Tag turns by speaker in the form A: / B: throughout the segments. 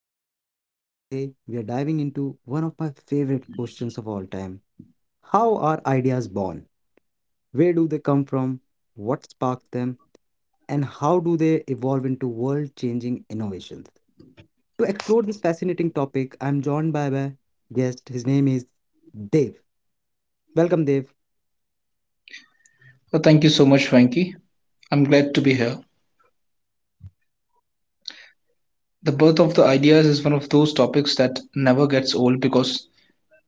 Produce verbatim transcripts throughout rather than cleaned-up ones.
A: host Venki, and today we are diving into one of my favorite questions of all time. How are ideas born? Where do they come from? What sparks them? And how do they evolve into world-changing innovations? To explore this fascinating topic, I'm joined by my guest. His name is Dev. Welcome, Dev.
B: Well, thank you so much, Frankie. I'm glad to be here. The birth of the ideas is one of those topics that never gets old because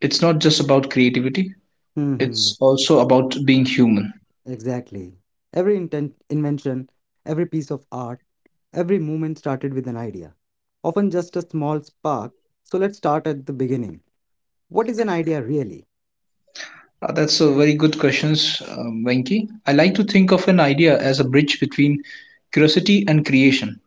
B: it's not just about creativity, it's also about being human.
A: Exactly. Every inten- invention, every piece of art, every movement started with an idea, often just a small spark. So let's start at the beginning. What is an idea really?
B: Uh, that's a very good question, um, Venki. I like to think of an idea as a bridge between curiosity and creation.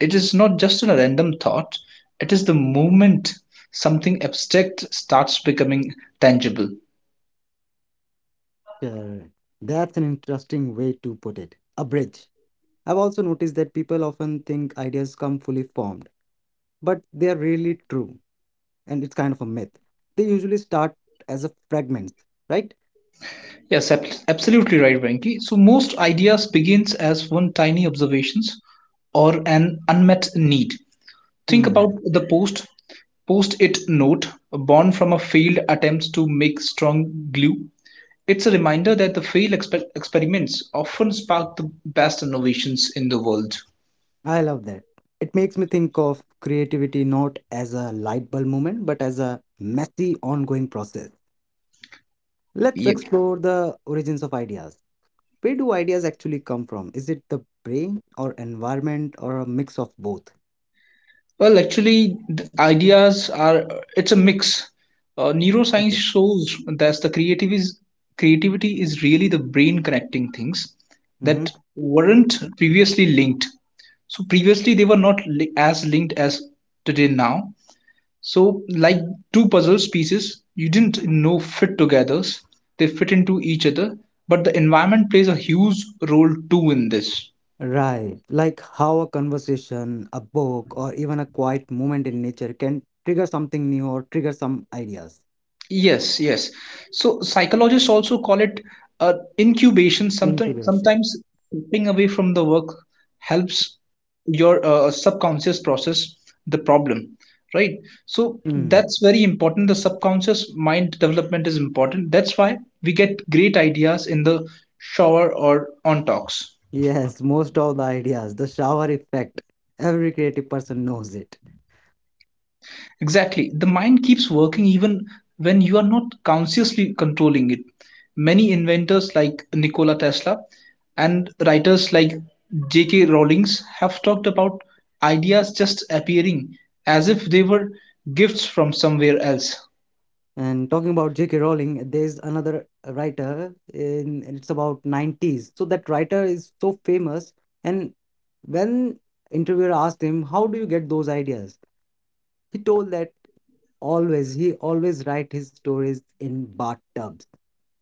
B: It is not just a random thought, it is the moment something abstract starts becoming tangible.
A: Correct. That's an interesting way to put it. A bridge. I've also noticed that people often think ideas come fully formed, but they are really true, and it's kind of a myth. They usually start as a fragment, right?
B: Yes, ab- absolutely right, Venki. So most ideas begins as one tiny observations or an unmet need. Think about
A: Hmm.
B: the post post-it note born from a failed attempts to make strong glue. It's a reminder that the failed expe- experiments often spark the best innovations in the world.
A: I love that. It makes me think of creativity not as a light bulb moment, but as a messy, ongoing process. Let's
B: Yep.
A: explore the origins of ideas. Where do ideas actually come from? Is it the brain or environment or a mix of both?
B: Well, actually, the ideas are it's a mix. Uh, neuroscience shows that the creative is, creativity is really the brain connecting things that
A: Mm-hmm.
B: weren't previously linked. So previously they were not li- as linked as today now. So like two puzzle pieces, you didn't know fit together. They fit into each other, but the environment plays a huge role too in this.
A: Right. Like how a conversation, a book, or even a quiet moment in nature can trigger something new or trigger some ideas.
B: Yes, yes. So psychologists also call it uh, incubation. Sometimes,
A: Incubation.
B: sometimes stepping away from the work helps your uh, subconscious process the problem, right? So that's very important. The subconscious mind development is important. That's why we get great ideas in the shower or on talks.
A: Yes, most of the ideas, the shower effect, every creative person knows it.
B: Exactly. The mind keeps working even when you are not consciously controlling it. Many inventors like Nikola Tesla and writers like J K. Rowling's have talked about ideas just appearing as if they were gifts from somewhere else.
A: And talking about J K. Rowling, there's another writer in it's about nineties. So that writer is so famous. And when interviewer asked him, "How do you get those ideas?" He told that, Always, he always write his stories in bathtubs.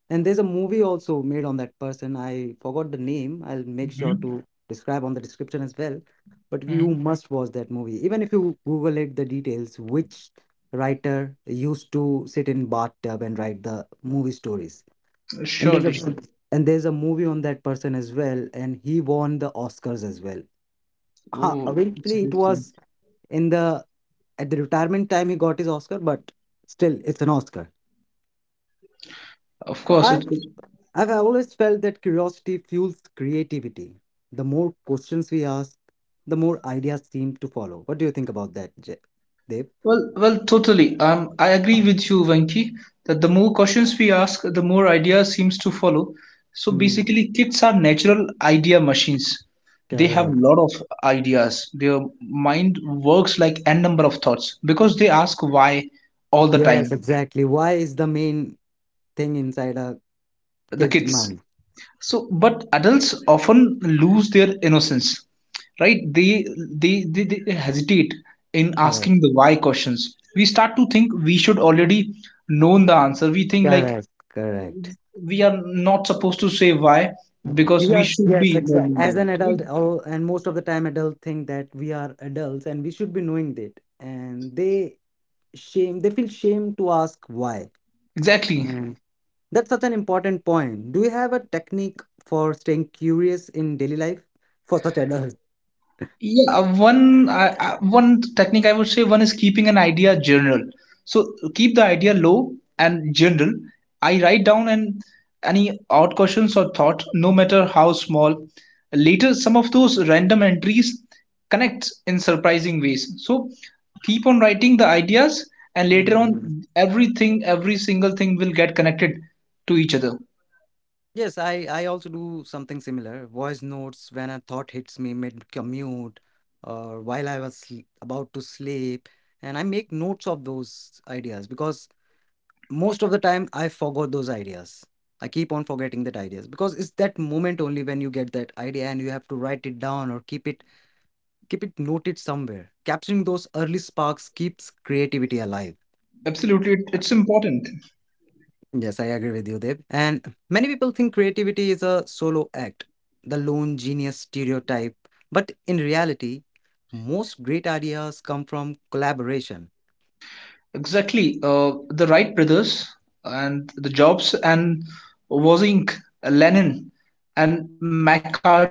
A: And there's a movie also made on that person. I forgot the name. I'll make sure
B: Hmm.
A: to describe on the description as well. But you
B: Hmm.
A: must watch that movie. Even if you Google it, the details, which writer used to sit in bathtub and write the movie stories. And there's
B: Surely, sure.
A: a and there's a movie on that person as well, and he won the Oscars as well. Ha,
B: Oh, it's a
A: eventually, it
B: good thing.
A: was in the at the retirement time he got his oscar, but still it's an oscar.
B: Of
A: so i
B: course, it.
A: i've I've always felt that curiosity fuels creativity. The more questions we ask, the more ideas seem to follow. What do you think about that, Je- Dev?
B: Well, well, totally. Um, I agree with you, Venki, that the more questions we ask, the more ideas seems to follow. So
A: Hmm.
B: basically, kids are natural idea machines. They have a
A: Correct.
B: lot of ideas. Their mind works like n number of thoughts because they ask why all the
A: Yes,
B: time.
A: exactly, why is the main thing inside a
B: The
A: kid's
B: kids.
A: mind.
B: So, but adults often lose their innocence, right? They they they, they hesitate in asking
A: Correct,
B: the why questions. We start to think we should already known the answer. We think like
A: correct, correct.
B: we are not supposed to say why because we
A: Yes,
B: should
A: yes,
B: be learning
A: exactly. As
B: that,
A: an adult,
B: right?
A: all, and most of the time, adults think that we are adults and we should be knowing that. And they shame they feel shame to ask why.
B: Exactly.
A: Mm. That's such an important point. Do you have a technique for staying curious in daily life for such adults?
B: Yeah, one I I- one technique I would say one is keeping an idea general. So keep the idea low and general. I write down and any odd questions or thought, no matter how small. Later, some of those random entries connect in surprising ways. So keep on writing the ideas, and later
A: Mhm.
B: on, everything, every single thing will get connected to each other.
A: Yes, i i also do something similar, voice notes when a thought hits me mid commute or while I was sl- about to sleep, and I make notes of those ideas because most of the time I forgot those ideas. I keep on forgetting that ideas because it's that moment only when you get that idea and you have to write it down or keep it keep it noted somewhere. Capturing those early sparks keeps creativity alive.
B: Absolutely, it- it's important.
A: Yes, I agree with you, Dev. And many people think creativity is a solo act, the lone genius stereotype. But in reality, most great ideas come from collaboration.
B: Exactly. Uh, the Wright brothers and the Jobs and Wozniak, Lenin and McCarthy.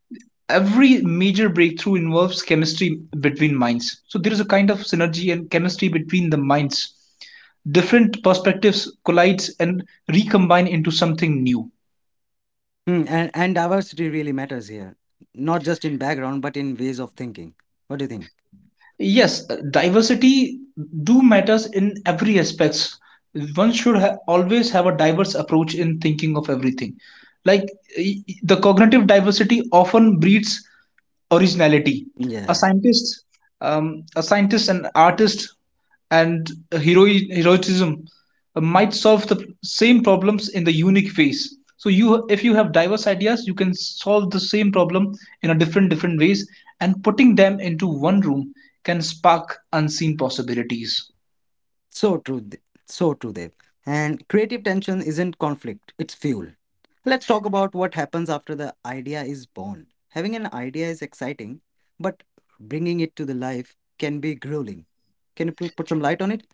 B: Every major breakthrough involves chemistry between minds. So there is a kind of synergy and chemistry between the minds. Different perspectives collides and recombine into something new.
A: Hmm, and, and diversity really matters here, not just in background, but in ways of thinking. What do you think?
B: Yes, uh, diversity do matters in every aspects. One should ha always have a diverse approach in thinking of everything. Like y- y- the cognitive diversity often breeds originality. A
A: Yeah.
B: scientist, um, a scientist, an artist, and hero- heroism uh, might solve the same problems in the unique ways. So you, if you have diverse ideas, you can solve the same problem in a different different ways, and putting them into one room can spark unseen possibilities.
A: So true, Dev- so true, Dev. And creative tension isn't conflict, it's fuel. Let's talk about what happens after the idea is born. Having an idea is exciting, but bringing it to the life can be grueling. Can you pl- put some light on it?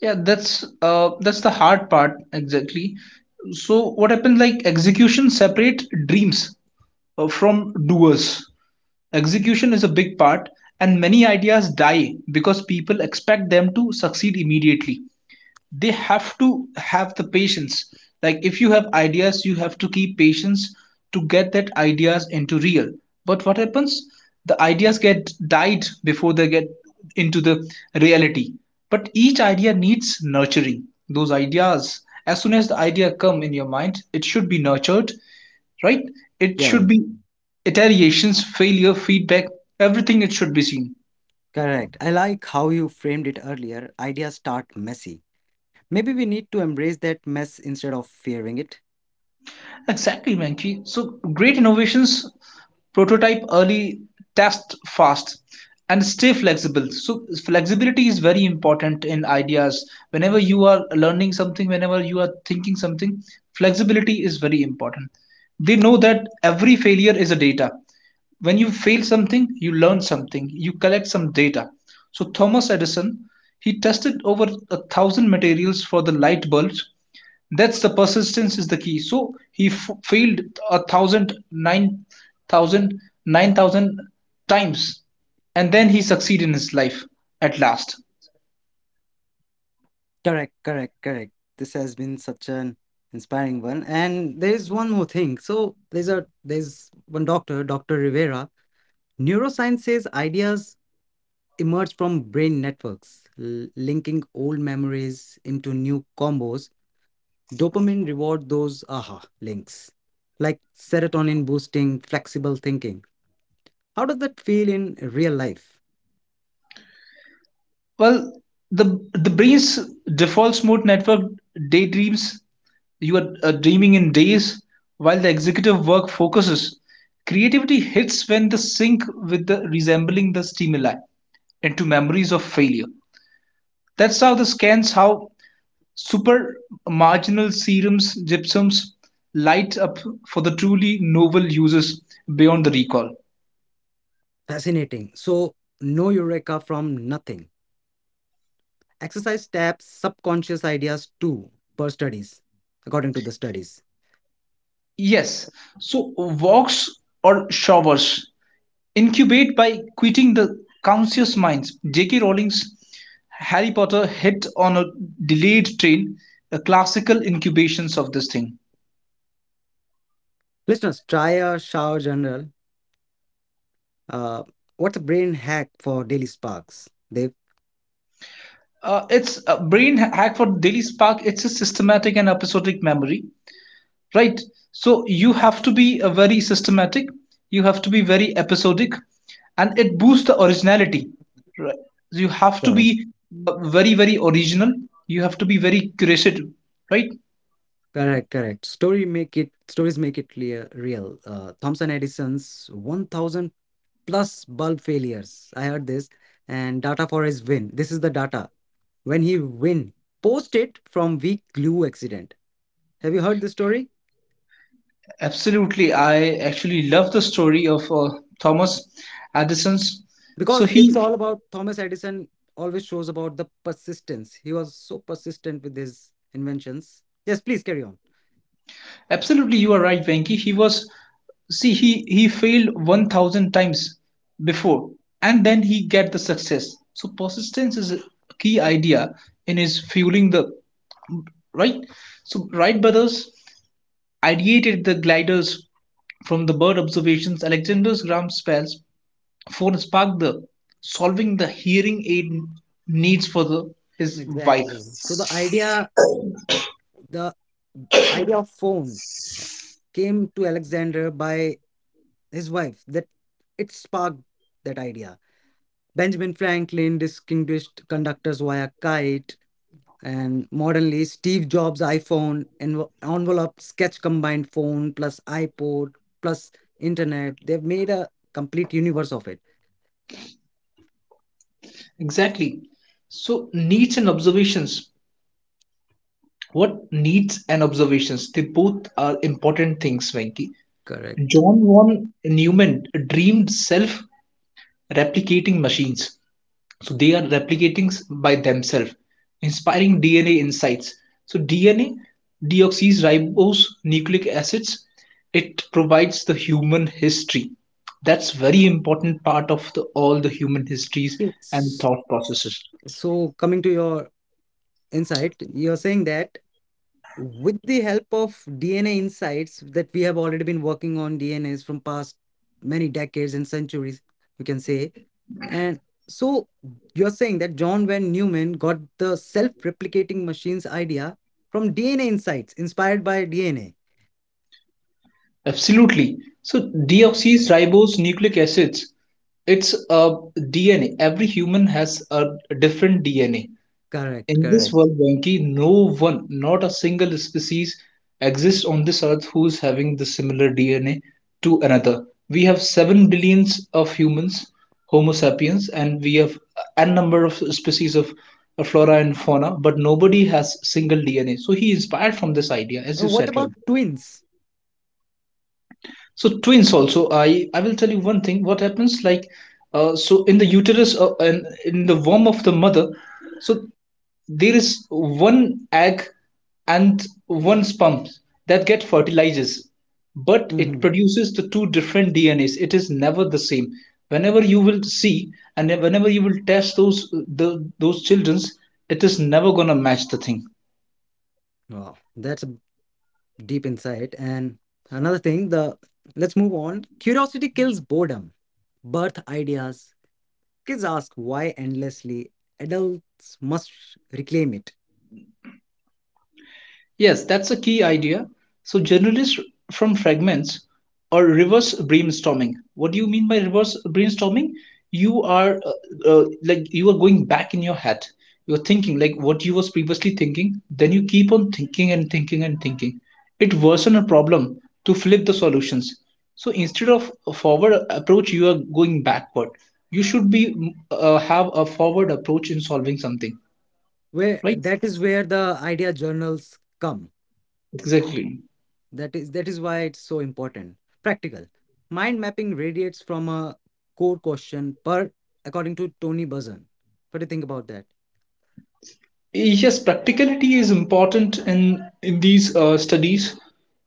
B: Yeah, that's uh, that's the hard part exactly. So what happens like execution separate dreams uh, from doers. Execution is a big part, and many ideas die because people expect them to succeed immediately. They have to have the patience. Like, if you have ideas, you have to keep patience to get that ideas into real. But what happens? The ideas get died before they get into the reality. But each idea needs nurturing. Those ideas, as soon as the idea come in your mind, it should be nurtured, right? It
A: Yeah,
B: should be iterations, failure, feedback, everything it should be seen.
A: correct. I like how you framed it earlier. Ideas start messy. Maybe we need to embrace that mess instead of fearing it.
B: Exactly, Mankey. So great innovations prototype early, test fast, and stay flexible. So flexibility is very important in ideas. Whenever you are learning something, whenever you are thinking something, flexibility is very important. They know that every failure is a data. When you fail something you learn something, you collect some data. So Thomas Edison, he tested over a thousand materials for the light bulbs. That's the persistence is the key. So he f- failed a thousand, nine thousand, nine thousand times, and then he succeeded in his life at last.
A: Correct, correct, correct. This has been such an inspiring one. And there's one more thing. So there's a there's one doctor, Dr. Rivera. Neuroscience says ideas emerge from brain networks, l- linking old memories into new combos. Dopamine reward those aha links, like serotonin boosting flexible thinking. How does that feel in real life?
B: Well, the the brain's default mode network daydreams. You are uh, dreaming in days while the executive work focuses. Creativity hits when the sync with the resembling the stimuli into memories of failure. That's how the scans how super marginal serums gypsums light up for the truly novel uses beyond the recall.
A: Fascinating. So no eureka from nothing. Exercise taps subconscious ideas too, per studies, according to the studies.
B: Yes, so walks or showers incubate by quitting the conscious minds. J K. Rowling's Harry Potter hit on a delayed train, a classical incubations of this thing.
A: Listeners, try a shower journal. Uh, what's a brain hack for daily sparks, Dave?
B: Uh, it's a brain hack for Daily Spark. It's a systematic and episodic memory, right? So you have to be a very systematic. You have to be very episodic, and it boosts the originality. Right? You have to be uh, very very original. You have to be very curated, right?
A: Correct, correct. Story make it, stories make it clear real. Uh, Thomson Edison's one thousand plus bulb failures. I heard this, and data for his win. This is the data when he win, post it from weak glue accident. Have you heard this story?
B: Absolutely. I actually love the story of uh, Thomas Addison's. So
A: Because it's
B: he,
A: all about Thomas Edison, always shows about the persistence. He was so persistent with his inventions. Yes, please carry on.
B: absolutely, you are right, Venki. He was, see, he he failed one thousand times before, and then he get the success. So persistence is a key idea in his fueling the, right? So Wright brothers ideated the gliders from the bird observations. Alexander Graham Bell for Spark, the solving the hearing aid needs for the his wife.
A: Exactly. So the idea, the idea of phone came to Alexander by his wife, that it sparked that idea. Benjamin Franklin distinguished conductors via kite, and modernly Steve Jobs iPhone and envelope sketch combined phone plus iPod plus internet. They've made a complete universe of it.
B: Exactly. So needs and observations. What needs and observations? They both are important things, Venki.
A: Correct.
B: John von Neumann dreamed self-replicating machines. So they are replicating by themselves, inspiring D N A insights. So D N A, deoxyribose nucleic acids, it provides the human history. That's very important part of the, all the human histories and
A: Yes.
B: thought processes.
A: So coming to your insight, you're saying that with the help of DNA insights, that we have already been working on dnas from past many decades and centuries, we can say. And so you're saying that John Van Neumann got the self replicating machines idea from D N A insights, inspired by D N A.
B: Absolutely. So
A: Wow.
B: deoxyribose nucleic acids, it's a D N A. Every human has a different D N A.
A: Correct,
B: In this
A: correct.
B: world, Venki, no one, not a single species exists on this earth who's having the similar D N A to another. We have seven billions of humans, Homo sapiens, and we have n number of species of uh, flora and fauna, but nobody has single D N A. So he inspired from this idea, as you
A: And what
B: said, right?
A: about twins?
B: So twins also, I I will tell you one thing. What happens like, uh, so in the uterus uh, and in the womb of the mother, so there is one egg and one sperm that get fertilizes, but it
A: Hmm.
B: produces the two different D N As. It is never the same. Whenever you will see and whenever you will test those the, those childrens, it is never gonna match the thing.
A: Wow, that's a deep insight. And another thing, the, let's move on. Curiosity kills boredom. Birth ideas. Kids ask why endlessly. Adults must reclaim it.
B: Yes, that's a key idea. So generalists from fragments or reverse brainstorming. What do you mean by reverse brainstorming? You are uh, uh, like you are going back in your head. You're thinking like what you was previously thinking. Then you keep on thinking and thinking and thinking. It worsen a problem to flip the solutions. So instead of a forward approach, you are going backward. You should be mm, uh, have a forward approach in solving something,
A: Where
B: right?
A: that is where the idea journals come.
B: Exactly.
A: That is that is why it's so important. Practical. Mind mapping radiates from a core question per, according to Tony Buzan. What do you think about that?
B: Yes, practicality is important in, in these uh, studies,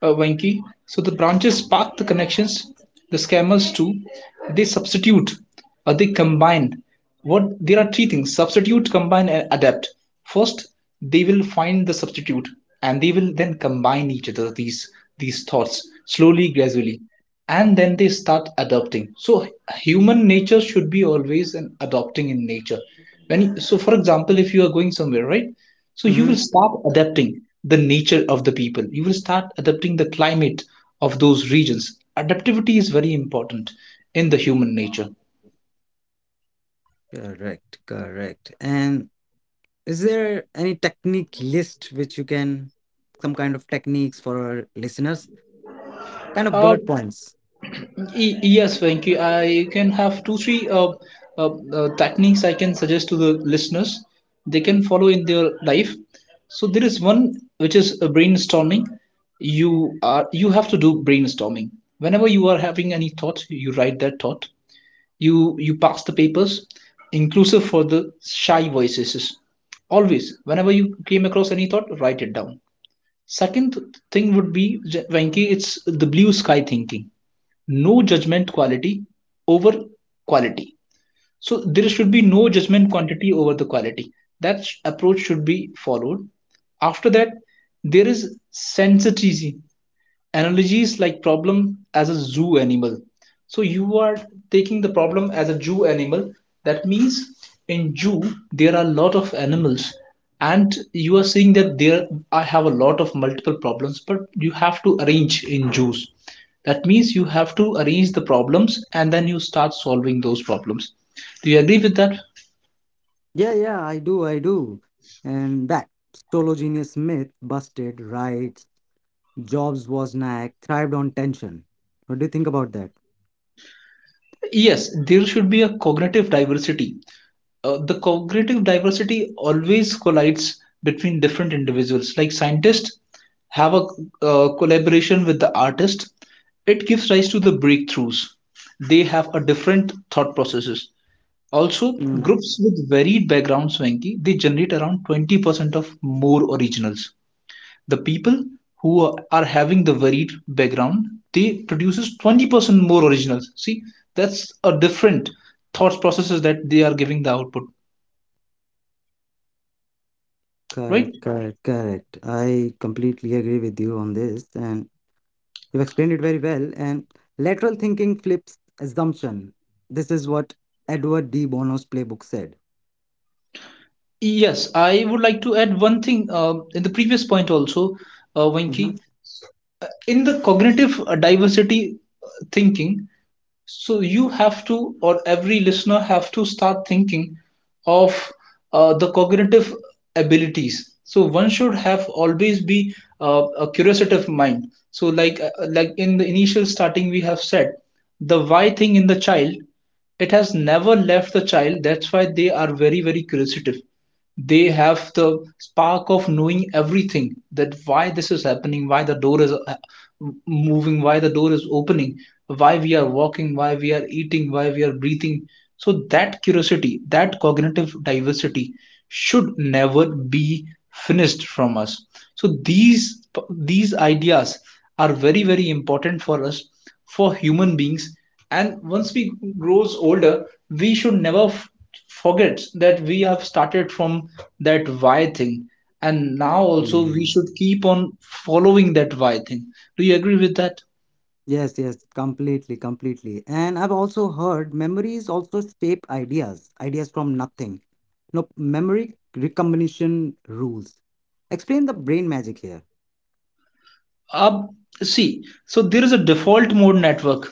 B: uh, Venki. So the branches spark the connections, the scammers too. They substitute, uh, they combine. What there are three things: substitute, combine, and adapt. First, they will find the substitute, and they will then combine each other these these thoughts slowly, gradually, and then they start adopting. So human nature should be always an adopting in nature. When, so for example, if you are going somewhere, right? So you
A: Mm-hmm.
B: will start adapting the nature of the people, you will start adapting the climate of those regions. Adaptivity is very important in the human nature.
A: Correct, correct. And is there any technique list which you can, some kind of techniques for our listeners? Kind of
B: uh,
A: bullet points.
B: Y- Yes, Venki, I can have two, three uh, uh, uh, techniques I can suggest to the listeners. They can follow in their life. So there is one which is uh, brainstorming. You are you have to do brainstorming. Whenever you are having any thought, you write that thought. You you pass the papers, inclusive for the shy voices. Always, whenever you came across any thought, write it down. Second thing would be, Venki, it's the blue sky thinking, no judgment quality over quality. So there should be no judgment quantity over the quality. That approach should be followed. After that, there is sensitivity analogies like problem as a zoo animal. So you are taking the problem as a zoo animal. That means in zoo there are a lot of animals, and you are seeing that there I have a lot of multiple problems, but you have to arrange in zoos. That means you have to arrange the problems and then you start solving those problems. Do you agree with that?
A: Yeah, yeah, I do, I do. And back, solo genius myth busted, right? Jobs was knack, thrived on tension. What do you think about that?
B: Yes, there should be a cognitive diversity. Uh, the cognitive diversity always collides between different individuals. Like scientists have a uh, collaboration with the artist, it gives rise to the breakthroughs. They have a different thought processes. Also, groups with varied backgrounds, Venki, they generate around twenty percent of more originals. The people who are are having the varied background, they produces twenty percent more originals. See, that's a different thought processes that they are giving the output,
A: Correct,
B: right?
A: correct, correct. I completely agree with you on this, and you've explained it very well. And lateral thinking flips assumption. This is what Edward D. Bono's playbook said.
B: Yes, I would like to add one thing um, in the previous point also, uh,
A: Mhm.
B: Venki. In the cognitive uh, diversity uh, thinking, so you have to, or every listener have to start thinking of uh, the cognitive abilities. So one should have always be uh, a curiosive mind. So like uh, like in the initial starting, we have said the why thing in the child, it has never left the child. That's why they are very very curiosive, they have the spark of knowing everything, that why this is happening, why the door is uh, moving, why the door is opening, why we are walking, why we are eating, why we are breathing. So that curiosity, that cognitive diversity should never be finished from us. So these these ideas are very very important for us, for human beings. And once we grows older, we should never f- forgets that we have started from that why thing, and now also we
A: Mm.
B: should keep on following that why thing. Do you agree with that?
A: Yes, yes, completely, completely. And I've also heard memories also shape ideas, ideas from nothing. No, memory recombination rules. Explain the brain magic here.
B: Up, see, so there is a default mode network.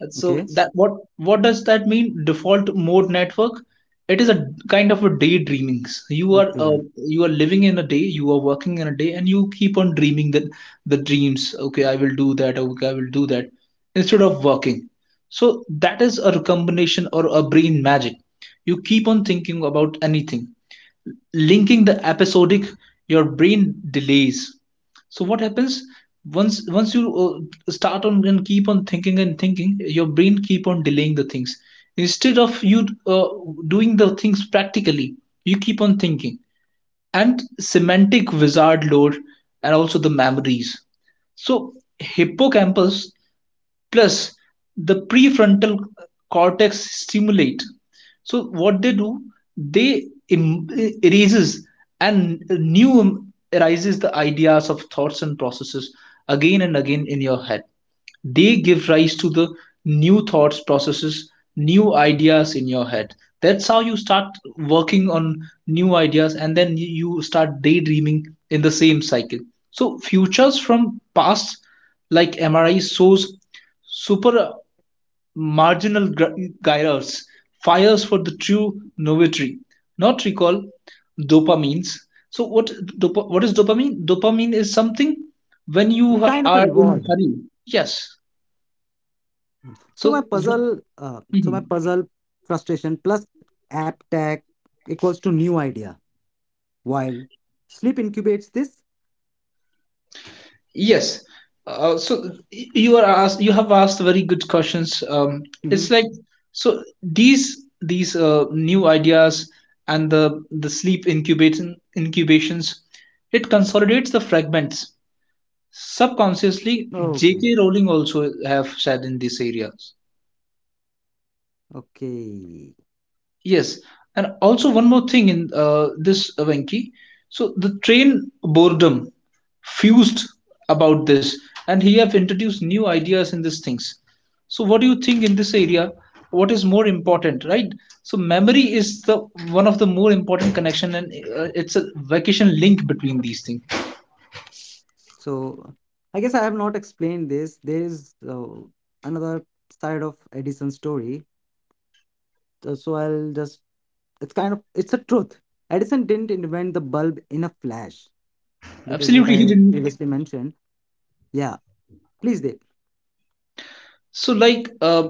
B: And
A: Okay.
B: so that what what does that mean? Default mode network. It is a kind of a daydreaming. You are uh,
A: Okay.
B: you are living in a day, you are working in a day, and you keep on dreaming the the dreams. Okay, I will do that. Okay, I will do that instead of working. So that is a combination or a brain magic. You keep on thinking about anything, linking the episodic, your brain delays. So what happens, once once you uh, start on and keep on thinking and thinking, your brain keep on delaying the things instead of you uh, doing the things practically, you keep on thinking. And semantic wizard load, and also the memories. So hippocampus plus the prefrontal cortex stimulate. So what they do, they em- erases and new arises the ideas of thoughts and processes again and again in your head. They give rise to the new thoughts processes, new ideas in your head. That's how you start working on new ideas, and then you start daydreaming in the same cycle. So futures from past, like M R I shows super marginal gr- gyres, fires for the true novatory, not recall dopamines. So what dop- what is dopamine? Dopamine is something when you
A: It's kind of a
B: are in
A: reward.
B: hurry. Yes,
A: So my
B: so, w-
A: puzzle, uh, so my
B: mhm.
A: puzzle frustration plus app tag equals to new idea. While sleep incubates this.
B: Yes. Uh, so y- you are asked, you have asked very good questions. Um,
A: Mhm.
B: it's like, so these these uh, new ideas and the the sleep incubation incubations, it consolidates the fragments. Subconsciously,
A: Okay,
B: J K. Rowling also have said in this area.
A: okay.
B: Yes, and also one more thing in uh, this uh, Venki. So the train boredom fused about this, and he have introduced new ideas in these things. So what do you think in this area? What is more important, right? So memory is the one of the more important connection, and uh, it's a vacation link between these things.
A: So I guess I have not explained this. There is, uh, another side of Edison's story. So so I'll just. It's kind of it's a truth. Edison didn't invent the bulb in a flash. That is what
B: Absolutely, he
A: I
B: didn't.
A: previously mentioned. Yeah, please, Dave.
B: So like uh,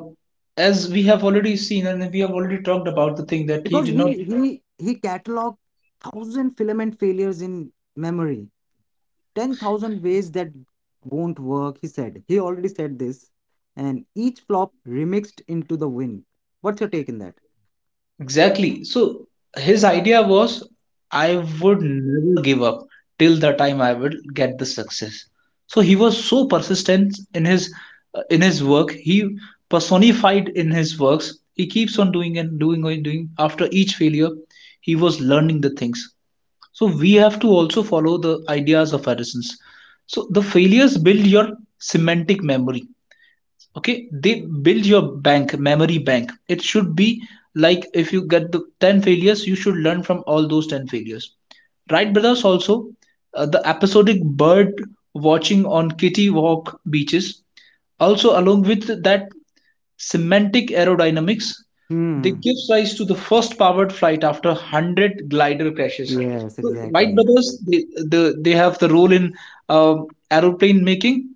B: as we have already seen, and we have already talked about the thing that he
A: Because
B: did
A: he
B: not.
A: he he cataloged thousand filament failures in memory. ten thousand ways that won't work, he said. He already said this, and each flop remixed into the win. What's your take in that?
B: Exactly. So his idea was, I would never give up till the time I will get the success. So he was so persistent in his uh, in his work. He personified in his works. He keeps on doing and doing and doing. After each failure, he was learning the things. So we have to also follow the ideas of Edison's. So the failures build your semantic memory. Okay, they build your bank memory bank, it should be like, if you get the ten failures, you should learn from all those ten failures. Wright brothers also, uh, the episodic bird watching on kitty walk beaches, also along with that semantic aerodynamics, they
A: Hmm.
B: gives rise to the first powered flight after one hundred glider crashes.
A: Yes,
B: So Wright
A: exactly.
B: brothers, they, the, they have the role in um aeroplane making.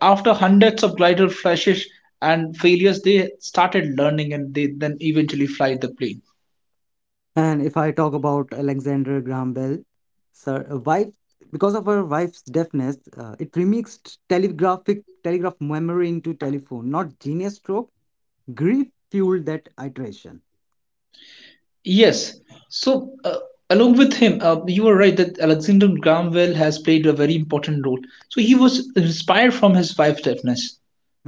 B: After hundreds of glider crashes and failures, they started learning, and they then eventually fly the plane.
A: And if I talk about Alexander Graham Bell sir, uh, wife, because of her wife's deafness, uh, it remixed telegraphic telegraph memory into telephone, not genius stroke. Grief fueled that iteration.
B: Yes. So, uh, along with him, uh, you were right that Alexander Graham Bell has played a very important role. So, he was inspired from his wife's deafness.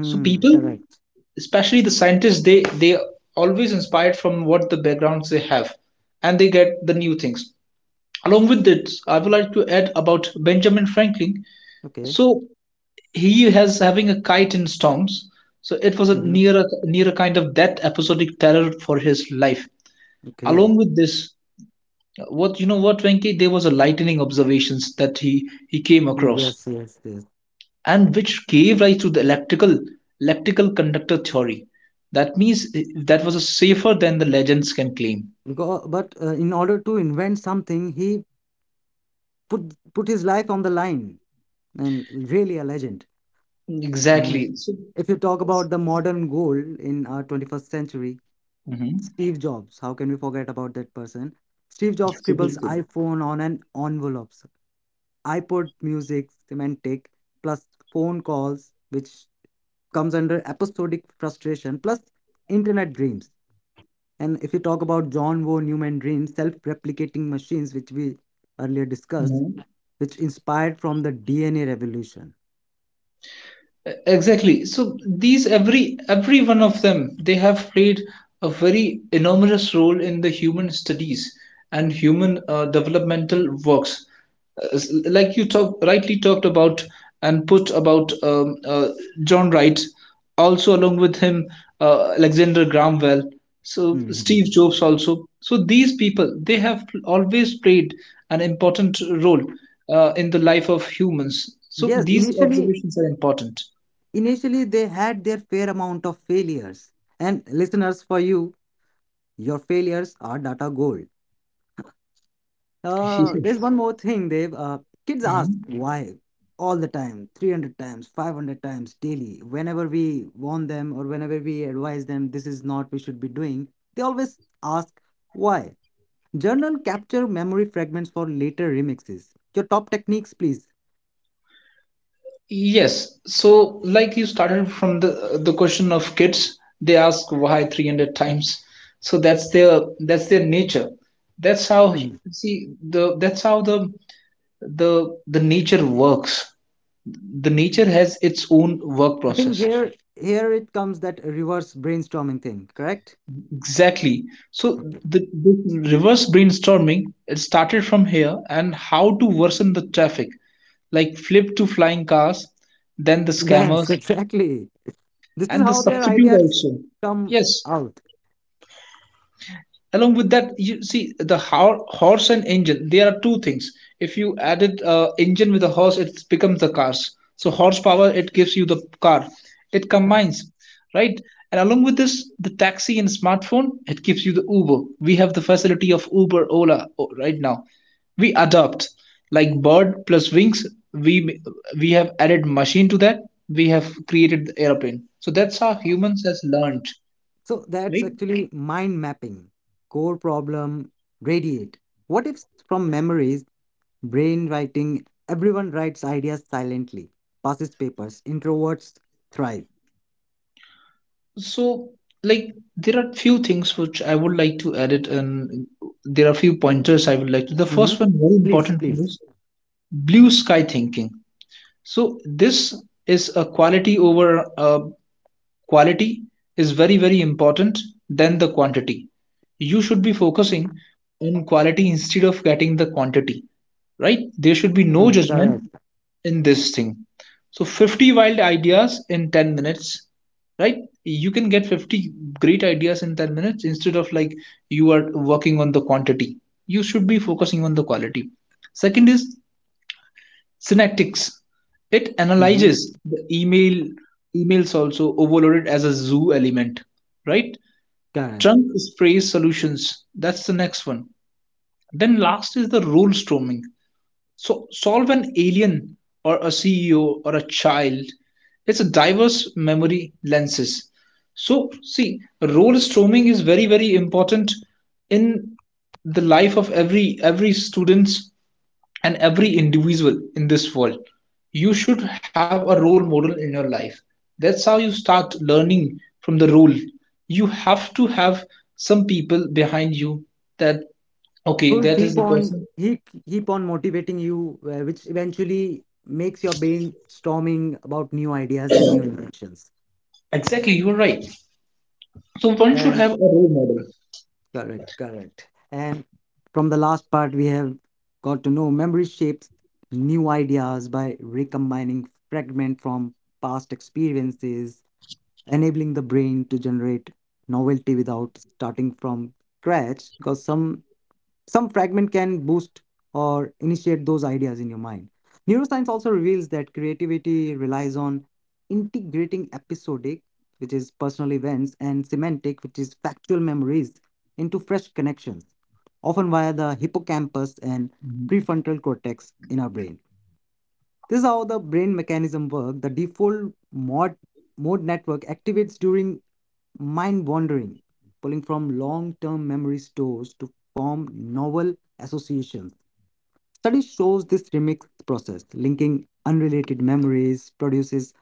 B: So, people,
A: correct.
B: especially the scientists, they they always inspired from what the backgrounds they have, and they get the new things. Along with it, I would like to add about Benjamin Franklin.
A: Okay.
B: So he has having a kite in storms. So it was a
A: Hmm.
B: near a near a kind of death episodic terror for his life. Along
A: Okay.
B: with this, what, you know what, Venki, there was a lightning observations that he he came across,
A: Yes, yes, yes.
B: and which gave rise to the electrical electrical conductor theory. That means eh, that was a safer than the legends can claim.
A: Because, but uh, in order to invent something, he put put his life on the line, and really a legend. And
B: Exactly. So,
A: if you talk about the modern gold in our twenty-first century,
B: mhm.
A: Steve Jobs. How can we forget about that person? Steve Jobs scribbles
B: Absolutely.
A: iPhone on an envelope, iPod music, semantic, plus phone calls, which comes under episodic frustration, plus internet dreams. And if you talk about John von Neumann dream, self-replicating machines, which we earlier discussed,
B: Mhm.
A: which inspired from the D N A revolution.
B: Exactly. So these, every every one of them, they have played a very enormous role in the human studies and human uh, developmental works. Uh, s- like you talk rightly talked about and put about um, uh, John Wright, also along with him, uh, Alexander Graham Bell, so Steve
A: Mhm.
B: Jobs also. So these people, they have always played an important role uh, in the life of humans. So
A: Yes,
B: these
A: initially,
B: observations are important.
A: initially they had their fair amount of failures. And listeners, for you, your failures are data gold. Uh, there's
B: Yes.
A: one more thing, Dave. Uh, kids ask
B: Mhm.
A: why all the time, three hundred times, five hundred times daily. Whenever we warn them or whenever we advise them, this is not we should be doing, they always ask why. Journal capture memory fragments for later remixes. Your top techniques, please.
B: Yes. So, like you started from the the question of kids, they ask why three hundred times. So that's their, that's their nature. That's how,
A: Mhm.
B: see, the, that's how the the the nature works. The nature has its own work
A: I think
B: process.
A: here here it comes, that reverse brainstorming thing, correct?
B: Exactly. So
A: Okay.
B: the, the reverse brainstorming, it started from here, and how to worsen the traffic, like flip to flying cars, then the
A: Yes,
B: scammers,
A: exactly. This is
B: and the
A: how their
B: substitute
A: ideas
B: also.
A: come
B: Yes.
A: out.
B: Along with that, you see the ho- horse and engine, there are two things. If you added uh, engine with a horse, it becomes the cars. So horsepower, it gives you the car, it combines, right? And along with this, the taxi and smartphone, it gives you the uber. We have the facility of uber, ola, o- right now. We adopt, like bird plus wings, we we have added machine to that, we have created the airplane. So that's how humans has learned,
A: So that's
B: right?
A: actually mind mapping. Core problem, radiate. What if from memories, brain writing, everyone writes ideas silently, passes papers, introverts thrive.
B: So like, there are few things which I would like to add it, and there are few pointers I would like to. The
A: Hmm.
B: first one, very
A: Please,
B: important for
A: please.
B: this, blue sky thinking. So this is a quality over uh, quality is very very important than the quantity. You should be focusing on quality instead of getting the quantity, right? There should be no
A: Mm,
B: judgment
A: correct.
B: in this thing. So fifty wild ideas in ten minutes, right? You can get fifty great ideas in ten minutes, instead of like, you are working on the quantity. You should be focusing on the quality. Second is synaptics. It
A: Hmm.
B: analyzes the email, emails also overloaded as a zoo element, right?
A: Correct.
B: Trunk sprays solutions. That's the next one. Then last is the rule storming. So solve an alien or a C E O or a child. It's a diverse memory lenses. So see, role storming is very very important in the life of every every students and every individual in this world. You should have a role model in your life. That's how you start learning from the role. You have to have some people behind you, that okay,
A: Will
B: that is
A: keep
B: the
A: on
B: person.
A: He keep on motivating you, uh, which eventually makes your brain storming about new ideas and new inventions.
B: Exactly, you're right. So one should have a role model.
A: Correct, correct. And from the last part, we have got to know memory shapes new ideas by recombining fragment from past experiences, enabling the brain to generate novelty without starting from scratch. Because some some fragment can boost or initiate those ideas in your mind. Neuroscience also reveals that creativity relies on integrating episodic, which is personal events, and semantic, which is factual memories, into fresh connections, often via the hippocampus and prefrontal cortex in our brain. This is how the brain mechanism work. The default mode mode network activates during mind wandering, pulling from long-term memory stores to form novel associations. Study shows this remix process, linking unrelated memories, produces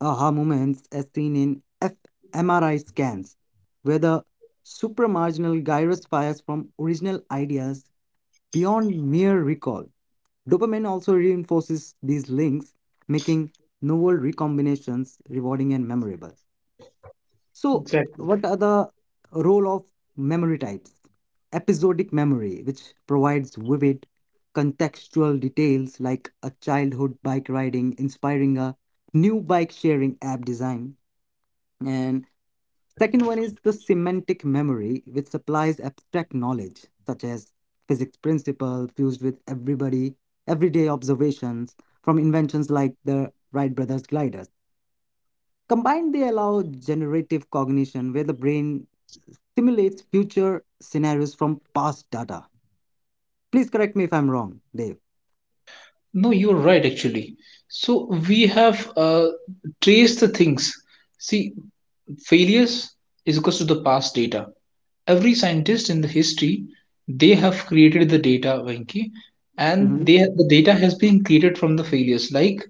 A: aha moments as seen in f M R I scans, where the supramarginal gyrus fires from original ideas. Beyond mere recall, dopamine also reinforces these links, making novel recombinations rewarding and memorable. So,
B: Exactly.
A: what are the role of memory types? Episodic memory, which provides vivid contextual details like a childhood bike riding inspiring a new bike sharing app design. And, second one is the semantic memory, which supplies abstract knowledge such as physics principle fused with everybody everyday observations from inventions like the Wright brothers gliders. Combined, they allow generative cognition, where the brain simulates future scenarios from past data. Please correct me if I'm wrong, Dave.
B: No, you're right, actually. So we have uh, traced the things. See, failures is equals to the past data. Every scientist in the history, they have created the data, Venki, and
A: Mhm.
B: they the data has been created from the failures. Like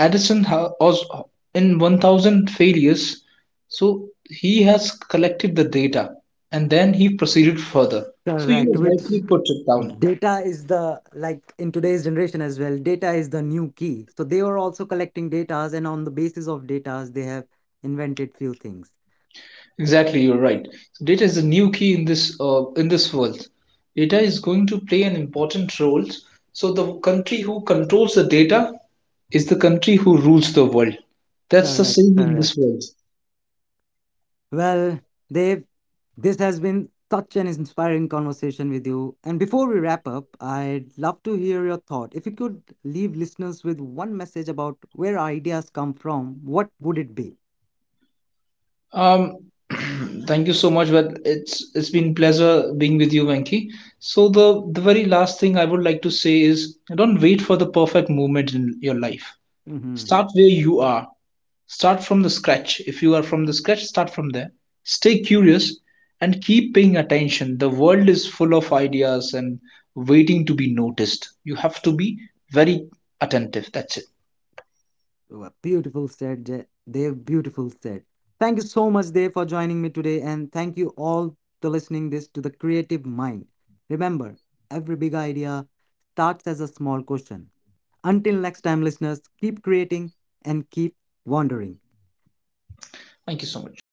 B: Edison ha- was in one thousand failures, so he has collected the data, and then he proceeded further. So you
A: Correct. Which,
B: rightly put it down.
A: data is the, like in today's generation as well, data is the new key, so they were also collecting data, and on the basis of data they have invented few things.
B: Exactly, you're right. So data is the new key in this uh, in this world. Data is going to play an important role. So the country who controls the data is the country who rules the world. That's the
A: Correct,
B: saying in this
A: correct.
B: world.
A: Well, Dave, this has been such an inspiring conversation with you, and before we wrap up, I'd love to hear your thought. If you could leave listeners with one message about where ideas come from, what would it be?
B: Um, thank you so much. Well, it's it's been pleasure being with you, Venki. So the the very last thing I would like to say is, don't wait for the perfect moment in your life. Start where you are. Start from the scratch. If you are from the scratch, start from there. Stay curious and keep paying attention. The world is full of ideas and waiting to be noticed. You have to be very attentive. That's it.
A: Oh, a beautiful said, Je- Dev. Beautiful said. Thank you so much, Dev, for joining me today, and thank you all to listening this to the creative mind. Remember, every big idea starts as a small question. Until next time, listeners, keep creating and keep wondering.
B: Thank you so much.